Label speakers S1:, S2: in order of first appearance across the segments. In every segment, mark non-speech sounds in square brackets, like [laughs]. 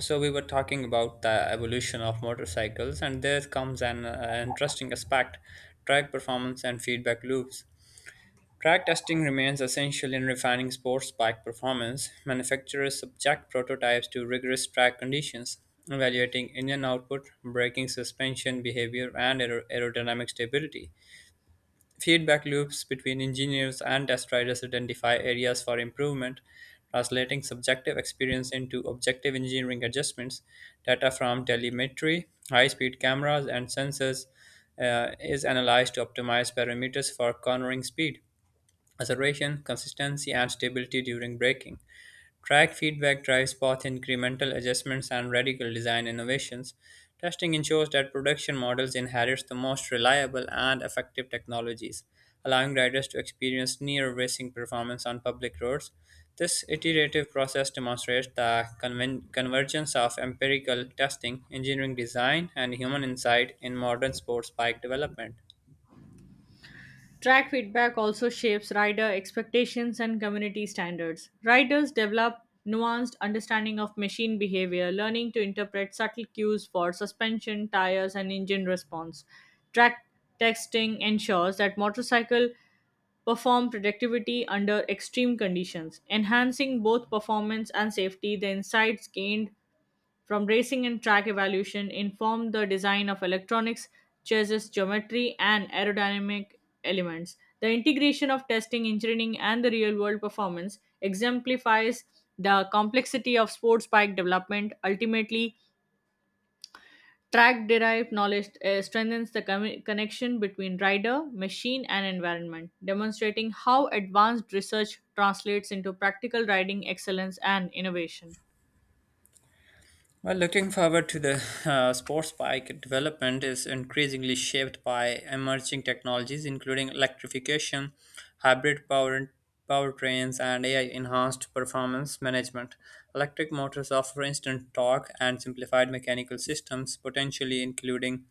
S1: So we were talking about the evolution of motorcycles, and there comes an interesting aspect: track performance and feedback loops. Track testing remains essential in refining sports bike performance. Manufacturers subject prototypes to rigorous track conditions, evaluating engine output, braking suspension behavior, and aerodynamic stability. Feedback loops between engineers and test riders identify areas for improvement, translating subjective experience into objective engineering adjustments. Data from telemetry, high speed cameras, and sensors is analyzed to optimize parameters for cornering speed acceleration, consistency, and stability during braking. Track feedback drives both incremental adjustments and radical design innovations. Testing ensures that production models inherit the most reliable and effective technologies, allowing riders to experience near racing performance on public roads. This iterative process demonstrates the convergence of empirical testing, engineering design, and human insight in modern sports bike development.
S2: Track feedback also shapes rider expectations and community standards. Riders develop nuanced understanding of machine behavior, learning to interpret subtle cues for suspension, tires, and engine response. Track testing ensures that motorcycle perform productivity under extreme conditions, enhancing both performance and safety. The insights gained from racing and track evolution informed the design of electronics, chassis geometry, and aerodynamic elements. The integration of testing, engineering, and the real world performance exemplifies the complexity of sports bike development. Ultimately, track derived knowledge strengthens the connection between rider, machine, and environment, demonstrating how advanced research translates into practical riding excellence and innovation.
S1: Well, looking forward to the sports bike development is increasingly shaped by emerging technologies, including electrification, hybrid powertrains, and AI-enhanced performance management. Electric motors offer instant torque and simplified mechanical systems, potentially including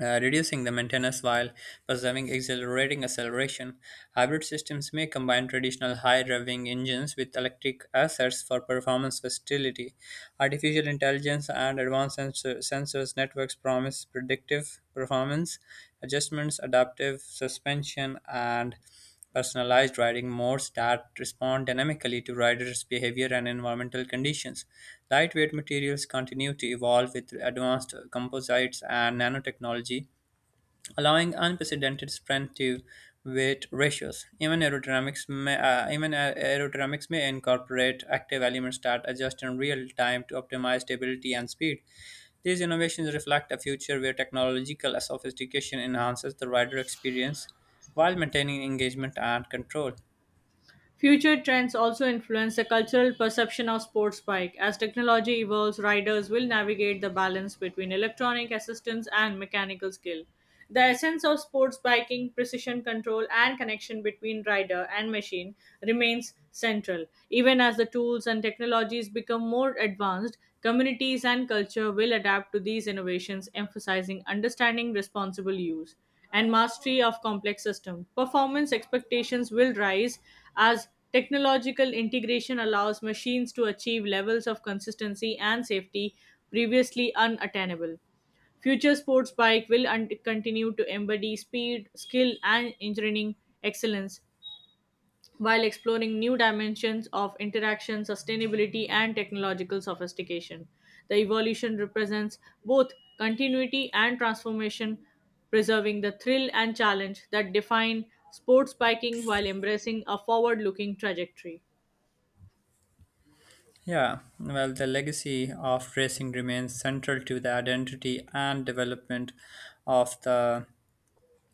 S1: reducing the maintenance while preserving accelerating acceleration. Hybrid systems may combine traditional high revving engines with electric assets for performance versatility. Artificial intelligence and advanced sensors networks promise predictive performance, adjustments, adaptive suspension, and personalized riding modes that respond dynamically to riders' behavior and environmental conditions. Lightweight materials continue to evolve with advanced composites and nanotechnology, allowing unprecedented strength to weight ratios. Even aerodynamics may, even aer- aerodynamics may incorporate active elements that adjust in real time to optimize stability and speed. These innovations reflect a future where technological sophistication enhances the rider experience while maintaining engagement and control.
S2: Future trends also influence the cultural perception of sports bike. As technology evolves, riders will navigate the balance between electronic assistance and mechanical skill. The essence of sports biking, precision control, and connection between rider and machine remains central. Even as the tools and technologies become more advanced, communities and culture will adapt to these innovations, emphasizing understanding responsible use and mastery of complex system. Performance expectations will rise as technological integration allows machines to achieve levels of consistency and safety previously unattainable. Future sports bike will continue to embody speed, skill, and engineering excellence, while exploring new dimensions of interaction, sustainability, and technological sophistication. The evolution represents both continuity and transformation, preserving the thrill and challenge that define sports biking while embracing a forward looking trajectory.
S1: Yeah, well, the legacy of racing remains central to the identity and of the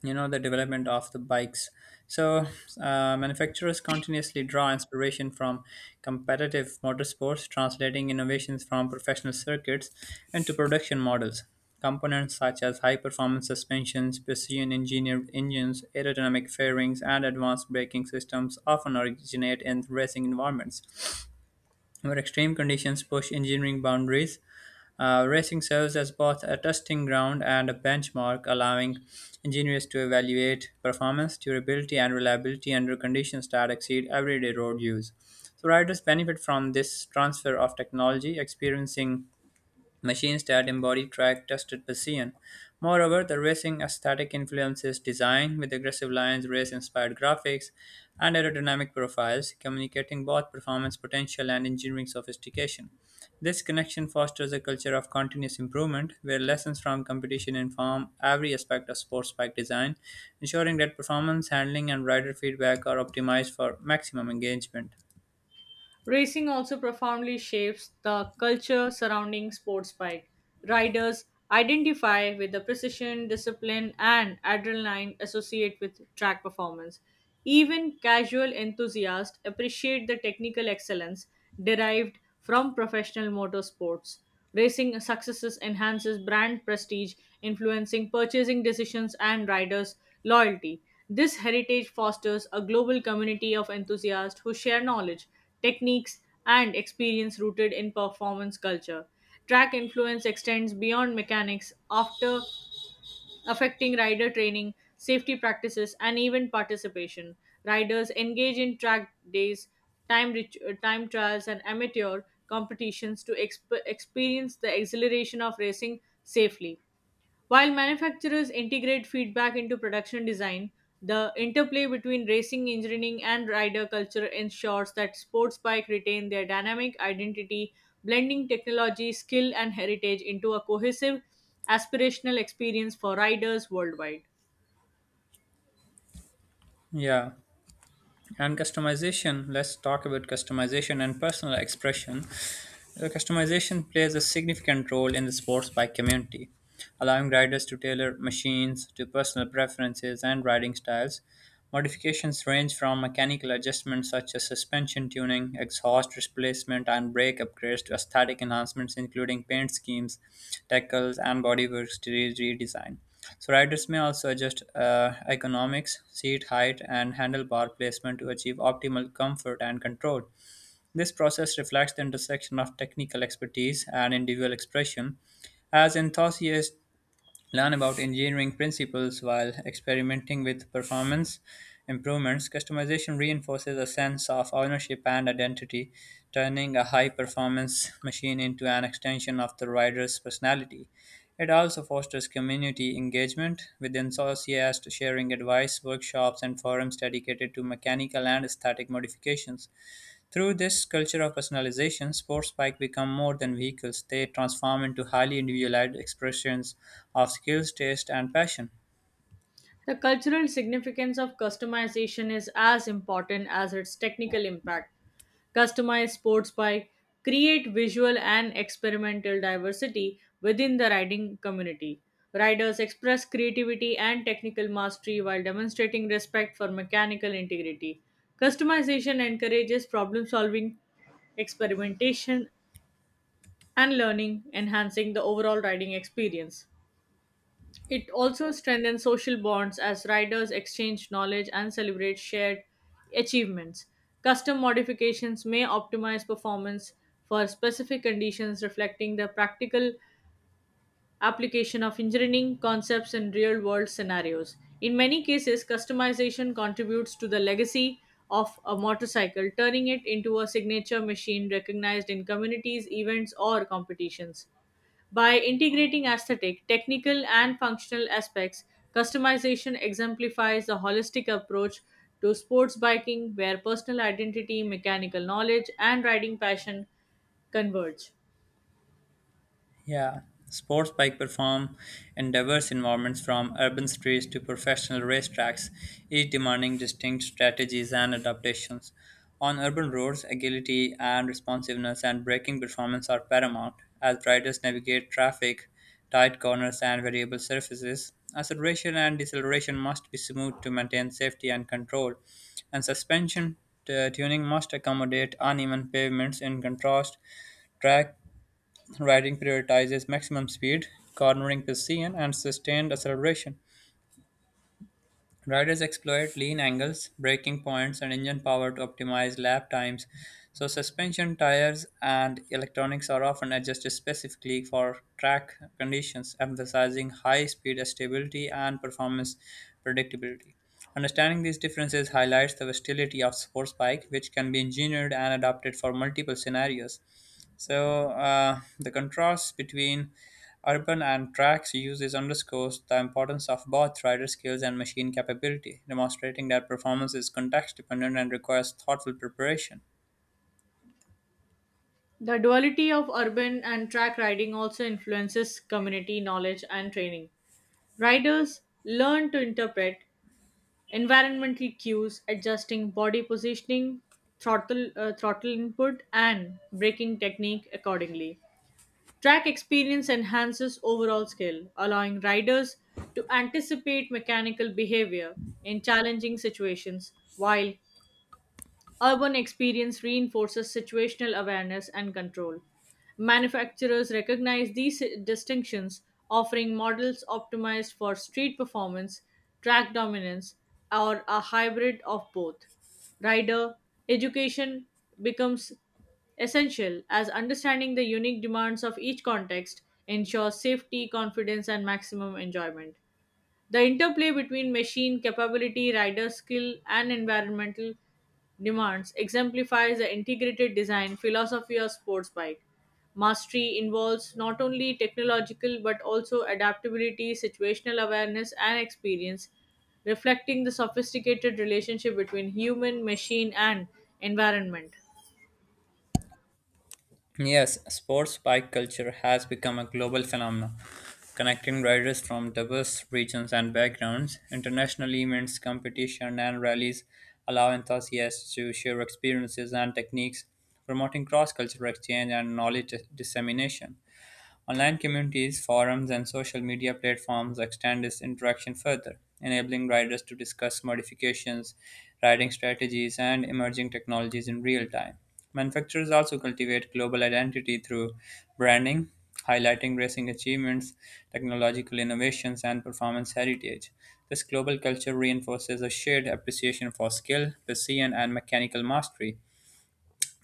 S1: development of the bikes. So manufacturers continuously draw inspiration from competitive motorsports, translating innovations from professional circuits into production models. Components such as high performance suspensions, precision engineered engines, aerodynamic fairings, and advanced braking systems often originate in racing environments where extreme conditions push engineering boundaries. Racing serves as both a testing ground and a benchmark, allowing engineers to evaluate performance, durability, and reliability under conditions that exceed everyday road use. So riders benefit from this transfer of technology, experiencing machines that embody track-tested precision. Moreover, the racing aesthetic influences design with aggressive lines, race-inspired graphics, and aerodynamic profiles, communicating both performance potential and engineering sophistication. This connection fosters a culture of continuous improvement where lessons from competition inform every aspect of sports bike design, ensuring that performance, handling, and rider feedback are optimized for maximum engagement.
S2: Racing also profoundly shapes the culture surrounding sports bike. Riders identify with the precision, discipline, and adrenaline associated with track performance. Even casual enthusiasts appreciate the technical excellence derived from professional motorsports. Racing successes enhances brand prestige, influencing purchasing decisions and riders' loyalty. This heritage fosters a global community of enthusiasts who share knowledge, techniques, and experience rooted in performance culture. Track influence extends beyond mechanics after affecting rider training, safety practices, and even participation. Riders engage in track days, time trials, and amateur competitions to experience the exhilaration of racing safely. While manufacturers integrate feedback into production design, the interplay between racing engineering and rider culture ensures that sports bike retain their dynamic identity, blending technology, skill, and heritage into a cohesive, aspirational experience for riders worldwide.
S1: Yeah. And customization, let's talk about customization and personal expression. The customization plays a significant role in the sports bike community, allowing riders to tailor machines to personal preferences and riding styles. Modifications range from mechanical adjustments such as suspension tuning, exhaust replacement, and brake upgrades to aesthetic enhancements including paint schemes, decals, and bodywork redesign. So riders may also adjust ergonomics, seat height, and handlebar placement to achieve optimal comfort and control. This process reflects the intersection of technical expertise and individual expression. As enthusiasts learn about engineering principles while experimenting with performance improvements, customization reinforces a sense of ownership and identity, turning a high performance machine into an extension of the rider's personality. It also fosters community engagement with enthusiasts sharing advice, workshops, and forums dedicated to mechanical and aesthetic modifications. Through this culture of personalization, sports bikes become more than vehicles. They transform into highly individualized expressions of skills, taste, and passion.
S2: The cultural significance of customization is as important as its technical impact. Customized sports bike create visual and experimental diversity within the riding community. Riders express creativity and technical mastery while demonstrating respect for mechanical integrity. Customization encourages problem solving, experimentation, and learning, enhancing the overall riding experience. It also strengthens social bonds as riders exchange knowledge and celebrate shared achievements. Custom modifications may optimize performance for specific conditions, reflecting the practical application of engineering concepts in real world scenarios. In many cases, customization contributes to the legacy of a motorcycle, turning it into a signature machine recognized in communities, events, or competitions. By integrating aesthetic, technical, and functional aspects, customization exemplifies the holistic approach to sports biking where personal identity, mechanical knowledge, and riding passion converge.
S1: Yeah, sports bike perform in diverse environments from urban streets to professional racetracks, each demanding distinct strategies and adaptations. On urban roads, agility and responsiveness and braking performance are paramount as riders navigate traffic, tight corners, and variable surfaces. Acceleration and deceleration must be smooth to maintain safety and control, and suspension tuning must accommodate uneven pavements. In contrast, track riding prioritizes maximum speed, cornering precision, and sustained acceleration. Riders exploit lean angles, braking points, and engine power to optimize lap times. So suspension, tires, and electronics are often adjusted specifically for track conditions, emphasizing high speed stability and performance predictability. Understanding these differences highlights the versatility of sports bike, which can be engineered and adapted for multiple scenarios. So the contrast between urban and tracks uses underscores the importance of both rider skills and machine capability, demonstrating that performance is context dependent and requires thoughtful preparation.
S2: The duality of urban and track riding also influences community knowledge and training. Riders learn to interpret environmental cues, adjusting body positioning, throttle input, and braking technique accordingly. Track experience enhances overall skill, allowing riders to anticipate mechanical behavior in challenging situations, while urban experience reinforces situational awareness and control. Manufacturers recognize these distinctions, offering models optimized for street performance, track dominance, or a hybrid of both. Rider education becomes essential as understanding the unique demands of each context ensures safety, confidence, and maximum enjoyment. The interplay between machine capability, rider skill, and environmental demands exemplifies the integrated design philosophy of sports bike. Mastery involves not only technological but also adaptability, situational awareness, and experience, reflecting the sophisticated relationship between human, machine, and environment.
S1: Yes, sports bike culture has become a global phenomenon, connecting riders from diverse regions and backgrounds. International events, competition, and rallies allow enthusiasts to share experiences and techniques, promoting cross cultural exchange and knowledge dissemination. Online communities, forums, and social media platforms extend this interaction further, enabling riders to discuss modifications, riding strategies, and emerging technologies in real time. Manufacturers also cultivate global identity through branding, highlighting racing achievements, technological innovations, and performance heritage. This global culture reinforces a shared appreciation for skill, precision, and mechanical mastery,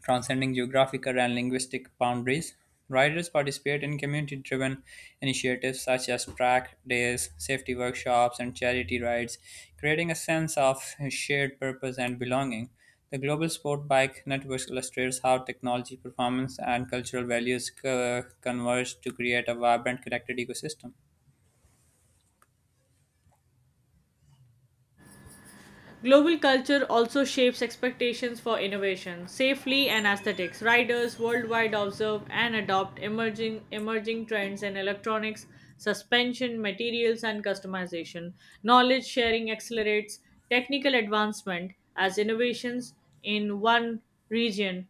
S1: transcending geographical and linguistic boundaries. Riders participate in community driven initiatives such as track days, safety workshops, and charity rides, creating a sense of shared purpose and belonging. The Global Sport Bike Network illustrates how technology, performance, and cultural values converge to create a vibrant, connected ecosystem.
S2: Global culture also shapes expectations for innovation, safely and aesthetics. Riders worldwide observe and adopt emerging trends in electronics, suspension, materials and customization. Knowledge sharing accelerates technical advancement as innovations in one region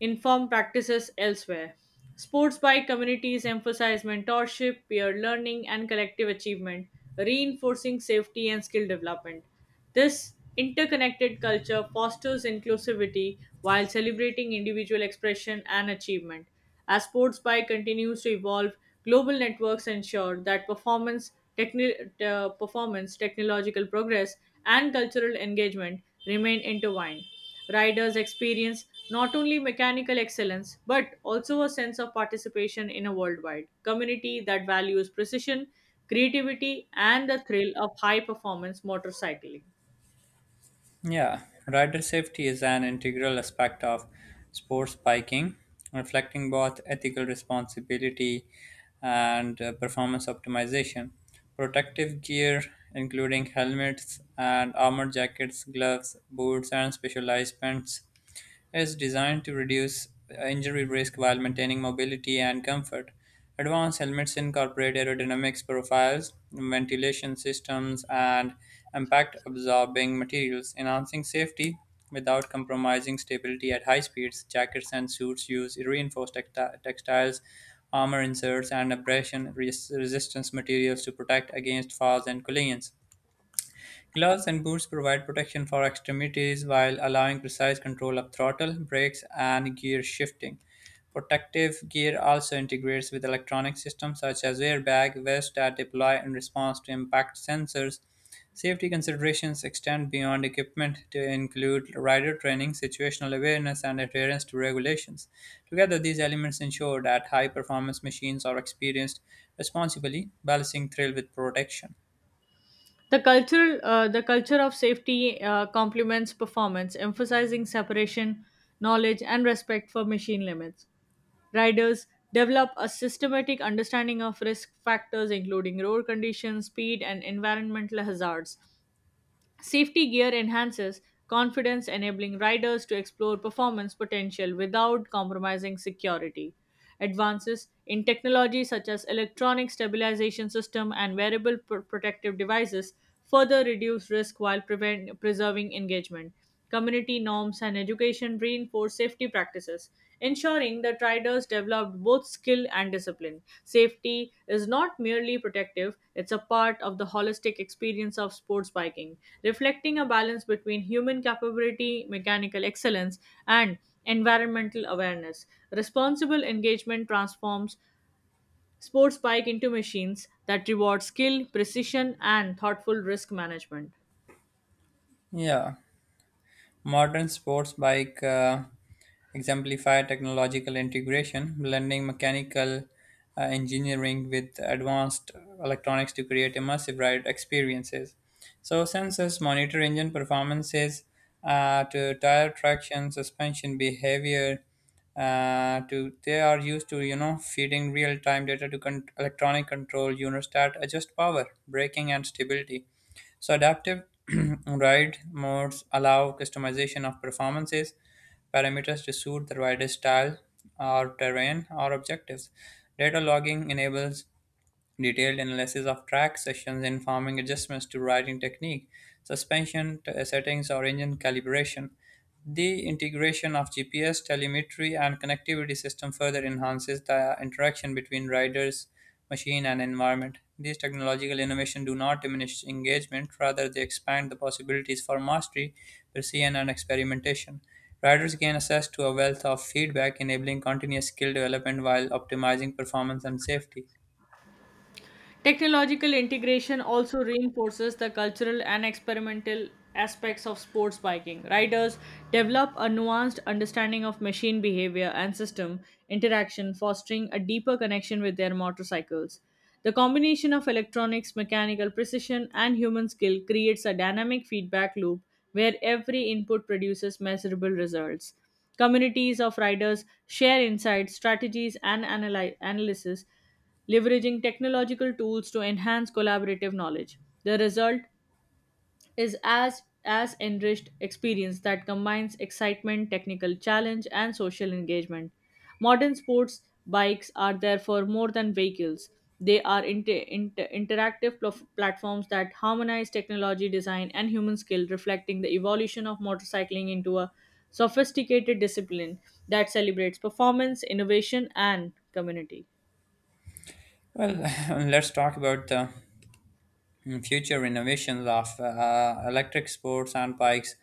S2: informed practices elsewhere. Sports by communities emphasize mentorship, peer learning, and collective achievement, reinforcing safety and skill development. This interconnected culture fosters inclusivity while celebrating individual expression and achievement. As sports bike continues to evolve, global networks ensure that performance, performance, technological progress, and cultural engagement remain intertwined. Riders experience not only mechanical excellence but also a sense of participation in a worldwide community that values precision, creativity, and the thrill of high performance motorcycling.
S1: Yeah, rider safety is an integral aspect of sports biking, reflecting both ethical responsibility and performance optimization. Protective gear, including helmets and armor jackets, gloves, boots, and specialized pants, is designed to reduce injury risk while maintaining mobility and comfort. Advanced helmets incorporate aerodynamics profiles, ventilation systems, and impact absorbing materials, enhancing safety without compromising stability at high speeds. Jackets and suits use reinforced textiles, armor inserts, and abrasion resistance materials to protect against falls and collisions. Gloves and boots provide protection for extremities while allowing precise control of throttle, brakes, and gear shifting. Protective gear also integrates with electronic systems such as airbag vests that deploy in response to impact sensors. Safety considerations extend beyond equipment to include rider training, situational awareness, and adherence to regulations. Together, these elements ensure that high performance machines are experienced responsibly, balancing thrill with protection.
S2: The culture of safety complements performance, emphasizing separation, knowledge, and respect for machine limits. Riders develop a systematic understanding of risk factors, including road conditions, speed, and environmental hazards. Safety gear enhances confidence, enabling riders to explore performance potential without compromising security. Advances in technology such as electronic stabilization system and wearable protective devices further reduce risk while preserving engagement. Community norms and education reinforce safety practices, ensuring that riders develop both skill and discipline. Safety is not merely protective, it's a part of the holistic experience of sports biking, reflecting a balance between human capability, mechanical excellence, and environmental awareness. Responsible engagement transforms sports bike into machines that reward skill, precision, and thoughtful risk management.
S1: Yeah. Modern sports bike exemplify technological integration, blending mechanical engineering with advanced electronics to create immersive ride experiences. So sensors monitor engine performances to tire traction, suspension behavior. To They are used to feeding real time data to electronic control units that adjust power, braking, and stability. So adaptive [clears throat] ride modes allow customization of performances parameters to suit the rider's style or terrain or objectives. Data logging enables detailed analysis of track sessions informing adjustments to riding technique, suspension settings, or engine calibration. The integration of GPS, telemetry, and connectivity system further enhances the interaction between riders, machine, and environment. These technological innovations do not diminish engagement, rather, they expand the possibilities for mastery, precision, and experimentation. Riders gain access to a wealth of feedback, enabling continuous skill development while optimizing performance and safety.
S2: Technological integration also reinforces the cultural and experimental aspects of sports biking. Riders develop a nuanced understanding of machine behavior and system interaction, fostering a deeper connection with their motorcycles. The combination of electronics, mechanical precision, and human skill creates a dynamic feedback loop where every input produces measurable results. Communities of riders share insights, strategies, and analysis, leveraging technological tools to enhance collaborative knowledge. The result is as enriched experience that combines excitement, technical challenge, and social engagement. Modern sports bikes are therefore more than vehicles. They are interactive platforms that harmonize technology, design, and human skill, reflecting the evolution of motorcycling into a sophisticated discipline that celebrates performance, innovation, and community.
S1: Well, [laughs] let's talk about the future innovations of electric sports and bikes.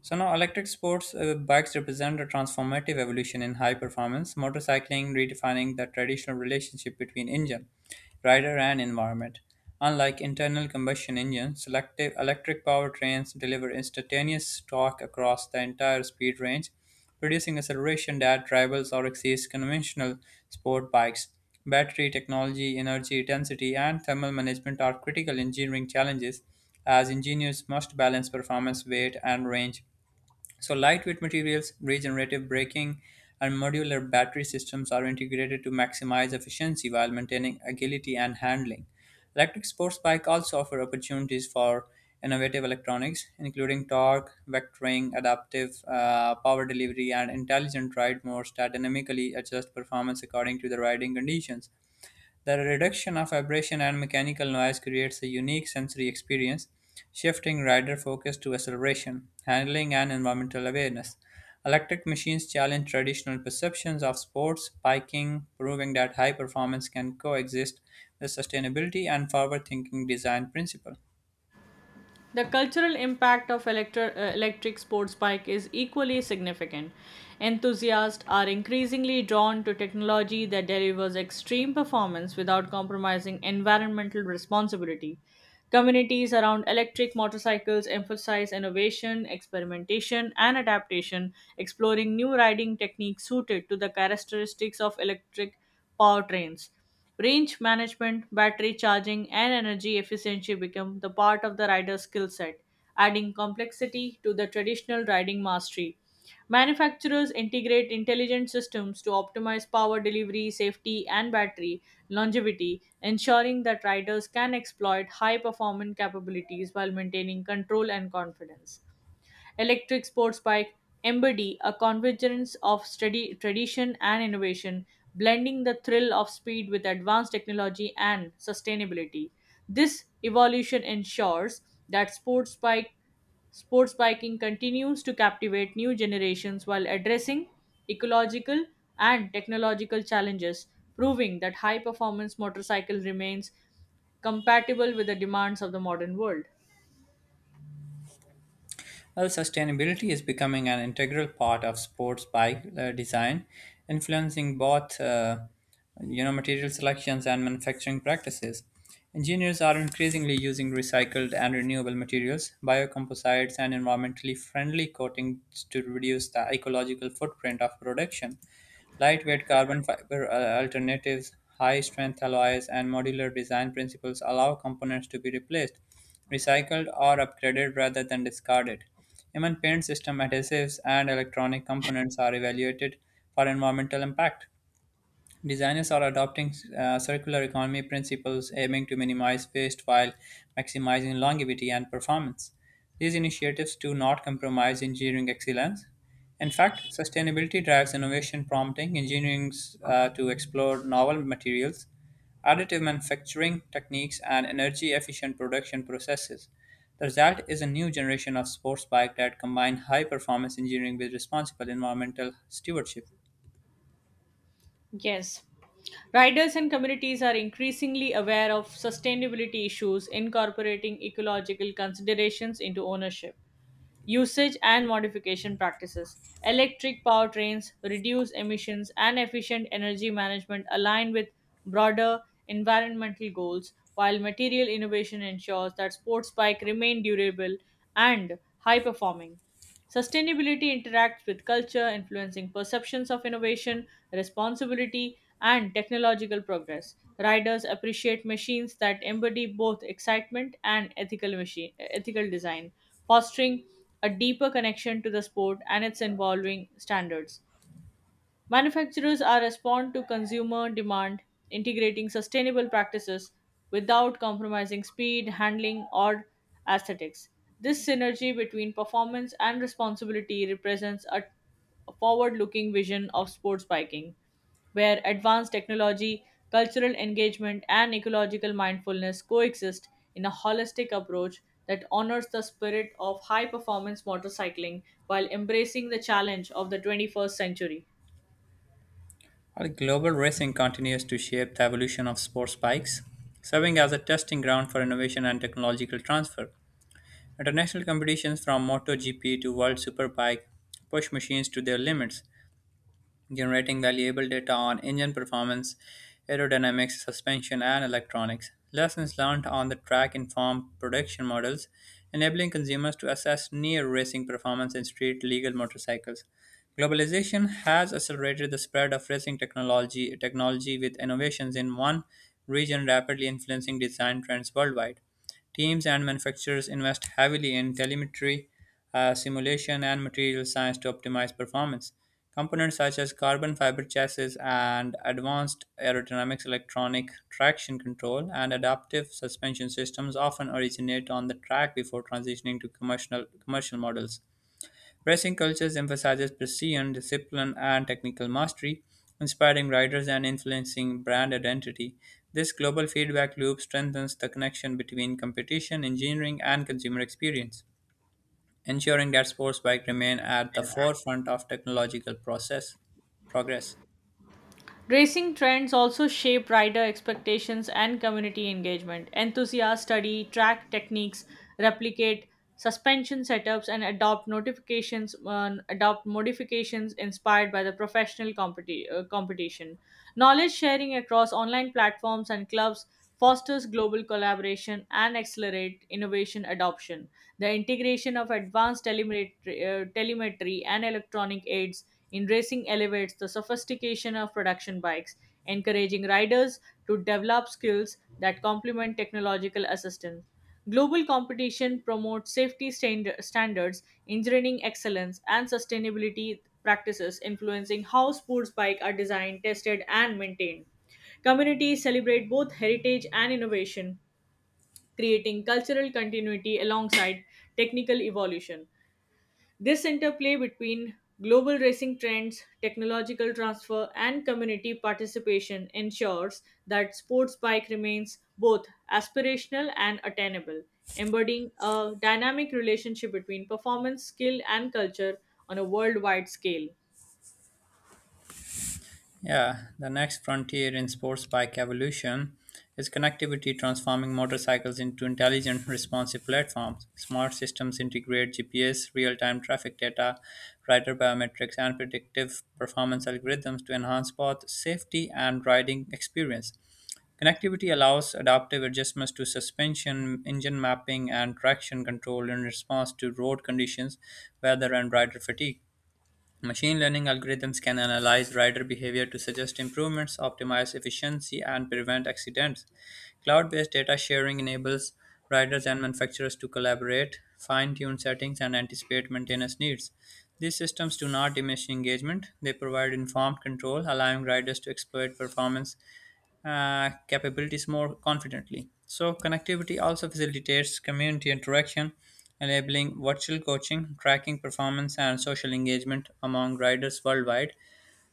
S1: So now, electric sports bikes represent a transformative evolution in high performance motorcycling, redefining the traditional relationship between engine rider, and environment. Unlike internal combustion engines, selective electric powertrains deliver instantaneous torque across the entire speed range, producing acceleration that rivals or exceeds conventional sport bikes. Battery technology, energy density, and thermal management are critical engineering challenges as engineers must balance performance, weight, and range. So lightweight materials, regenerative braking, and modular battery systems are integrated to maximize efficiency while maintaining agility and handling. Electric sports bike also offer opportunities for innovative electronics, including torque, vectoring, adaptive power delivery, and intelligent ride modes that dynamically adjust performance according to the riding conditions. The reduction of vibration and mechanical noise creates a unique sensory experience, shifting rider focus to acceleration, handling, and environmental awareness. Electric machines challenge traditional perceptions of sports, biking, proving that high performance can coexist with sustainability and forward thinking design principle.
S2: The cultural impact of electric sports bike is equally significant. Enthusiasts are increasingly drawn to technology that delivers extreme performance without compromising environmental responsibility. Communities around electric motorcycles emphasize innovation, experimentation, and adaptation, exploring new riding techniques suited to the characteristics of electric powertrains. Range management, battery charging, and energy efficiency become the part of the rider's skill set, adding complexity to the traditional riding mastery. Manufacturers integrate intelligent systems to optimize power delivery, safety, and battery longevity, ensuring that riders can exploit high performance capabilities while maintaining control and confidence. Electric sports bike embody a convergence of study, tradition and innovation, blending the thrill of speed with advanced technology and sustainability. This evolution ensures that sports biking continues to captivate new generations while addressing ecological and technological challenges, proving that high performance motorcycle remains compatible with the demands of the modern world.
S1: Well, sustainability is becoming an integral part of sports bike design, influencing both material selections and manufacturing practices. Engineers are increasingly using recycled and renewable materials, biocomposites, and environmentally friendly coatings to reduce the ecological footprint of production. Lightweight carbon fiber alternatives, high strength alloys, and modular design principles allow components to be replaced, recycled, or upgraded rather than discarded. Even paint system adhesives and electronic components are evaluated for environmental impact. Designers are adopting circular economy principles, aiming to minimize waste while maximizing longevity and performance. These initiatives do not compromise engineering excellence. In fact, sustainability drives innovation, prompting engineers to explore novel materials, additive manufacturing techniques, and energy efficient production processes. The result is a new generation of sports bike that combine high performance engineering with responsible environmental stewardship.
S2: Yes. Riders and communities are increasingly aware of sustainability issues, incorporating ecological considerations into ownership, usage, and modification practices. Electric powertrains reduce emissions and efficient energy management align with broader environmental goals, while material innovation ensures that sports bike remain durable and high performing. Sustainability interacts with culture, influencing perceptions of innovation, responsibility, and technological progress. Riders appreciate machines that embody both excitement and ethical design, fostering a deeper connection to the sport and its evolving standards. Manufacturers are respond to consumer demand, integrating sustainable practices without compromising speed, handling, or aesthetics. This synergy between performance and responsibility represents a forward-looking vision of sports biking, where advanced technology, cultural engagement, and ecological mindfulness coexist in a holistic approach that honors the spirit of high-performance motorcycling while embracing the challenge of the 21st century.
S1: While global racing continues to shape the evolution of sports bikes, serving as a testing ground for innovation and technological transfer. International competitions from MotoGP to World Superbike push machines to their limits, generating valuable data on engine performance, aerodynamics, suspension, and electronics. Lessons learned on the track inform production models, enabling consumers to assess near racing performance in street legal motorcycles. Globalization has accelerated the spread of racing technology with innovations in one region rapidly influencing design trends worldwide. Teams and manufacturers invest heavily in telemetry, simulation, and material science to optimize performance. Components such as carbon fiber chassis and advanced aerodynamics, electronic traction control, and adaptive suspension systems often originate on the track before transitioning to commercial models. Racing cultures emphasizes precision, discipline, and technical mastery, inspiring riders and influencing brand identity. This global feedback loop strengthens the connection between competition, engineering, and consumer experience, ensuring that sports bike remain at the forefront of technological process progress.
S2: Racing trends also shape rider expectations and community engagement. Enthusiasts study track techniques, replicate suspension setups, and adopt modifications inspired by the professional competition. Knowledge sharing across online platforms and clubs fosters global collaboration and accelerate innovation adoption. The integration of advanced telemetry and electronic aids in racing elevates the sophistication of production bikes, encouraging riders to develop skills that complement technological assistance. Global competition promotes safety standards, engineering excellence, and sustainability practices, influencing how sports bikes are designed, tested, and maintained. Communities celebrate both heritage and innovation, creating cultural continuity alongside technical evolution. This interplay between global racing trends, technological transfer, and community participation ensures that sports bike remains both aspirational and attainable, embodying a dynamic relationship between performance, skill, and culture on a worldwide scale.
S1: Yeah, the next frontier in sports bike evolution is connectivity, transforming motorcycles into intelligent, responsive platforms. Smart systems integrate GPS, real time traffic data, rider biometrics, and predictive performance algorithms to enhance both safety and riding experience. Connectivity allows adaptive adjustments to suspension, engine mapping, and traction control in response to road conditions, weather, and rider fatigue. Machine learning algorithms can analyze rider behavior to suggest improvements, optimize efficiency, and prevent accidents. Cloud based data sharing enables riders and manufacturers to collaborate, fine tune settings, and anticipate maintenance needs. These systems do not diminish engagement, they provide informed control, allowing riders to exploit performance capabilities more confidently. So connectivity also facilitates community interaction, enabling virtual coaching, tracking performance, and social engagement among riders worldwide.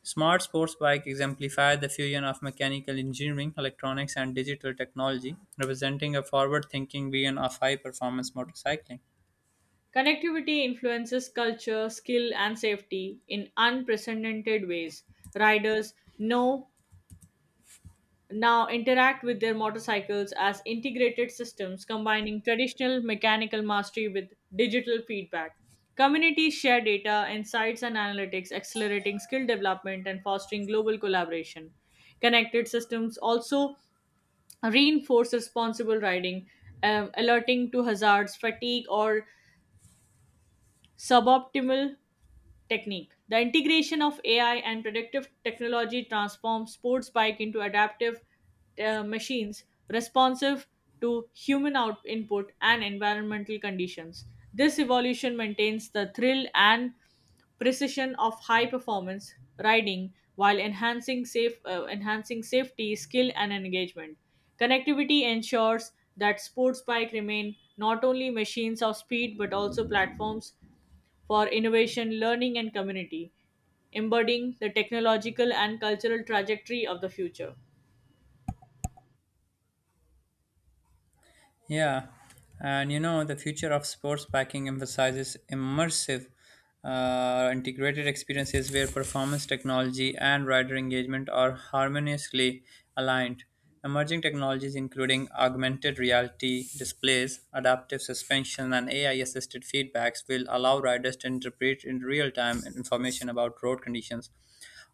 S1: Smart sports bike exemplify the fusion of mechanical engineering, electronics, and digital technology, representing a forward-thinking vision of high-performance motorcycling.
S2: Connectivity influences culture, skill, and safety in unprecedented ways. Riders know now interact with their motorcycles as integrated systems combining traditional mechanical mastery with digital feedback. Communities share data, insights, and analytics, accelerating skill development and fostering global collaboration. Connected systems also reinforce responsible riding, alerting to hazards, fatigue, or suboptimal technique. The integration of AI and predictive technology transforms sports bike into adaptive machines responsive to human input and environmental conditions. This evolution maintains the thrill and precision of high performance riding while enhancing safety, skill and engagement. Connectivity ensures that sports bike remain not only machines of speed but also platforms for innovation, learning, and community, embodying the technological and cultural trajectory of the future.
S1: Yeah, and you know, the future of sports packing emphasizes immersive, integrated experiences where performance technology and rider engagement are harmoniously aligned. Emerging technologies, including augmented reality displays, adaptive suspension, and AI assisted feedbacks, will allow riders to interpret in real time information about road conditions,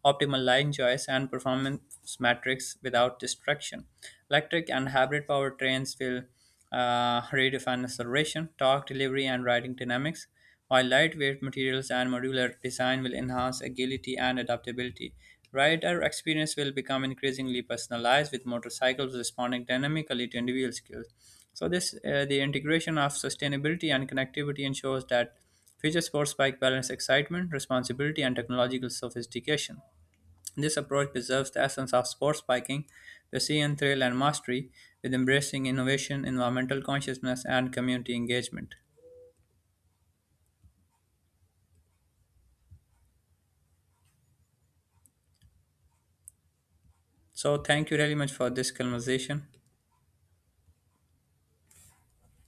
S1: optimal line choice, and performance metrics without distraction. Electric and hybrid powertrains will redefine acceleration, torque delivery, and riding dynamics, while lightweight materials and modular design will enhance agility and adaptability. Rider experience will become increasingly personalized with motorcycles responding dynamically to individual skills. So this the integration of sustainability and connectivity ensures that future sports bike balance excitement, responsibility, and technological sophistication. This approach preserves the essence of sports biking, precision, thrill, and mastery, with embracing innovation, environmental consciousness, and community engagement. So, thank you very much for this conversation.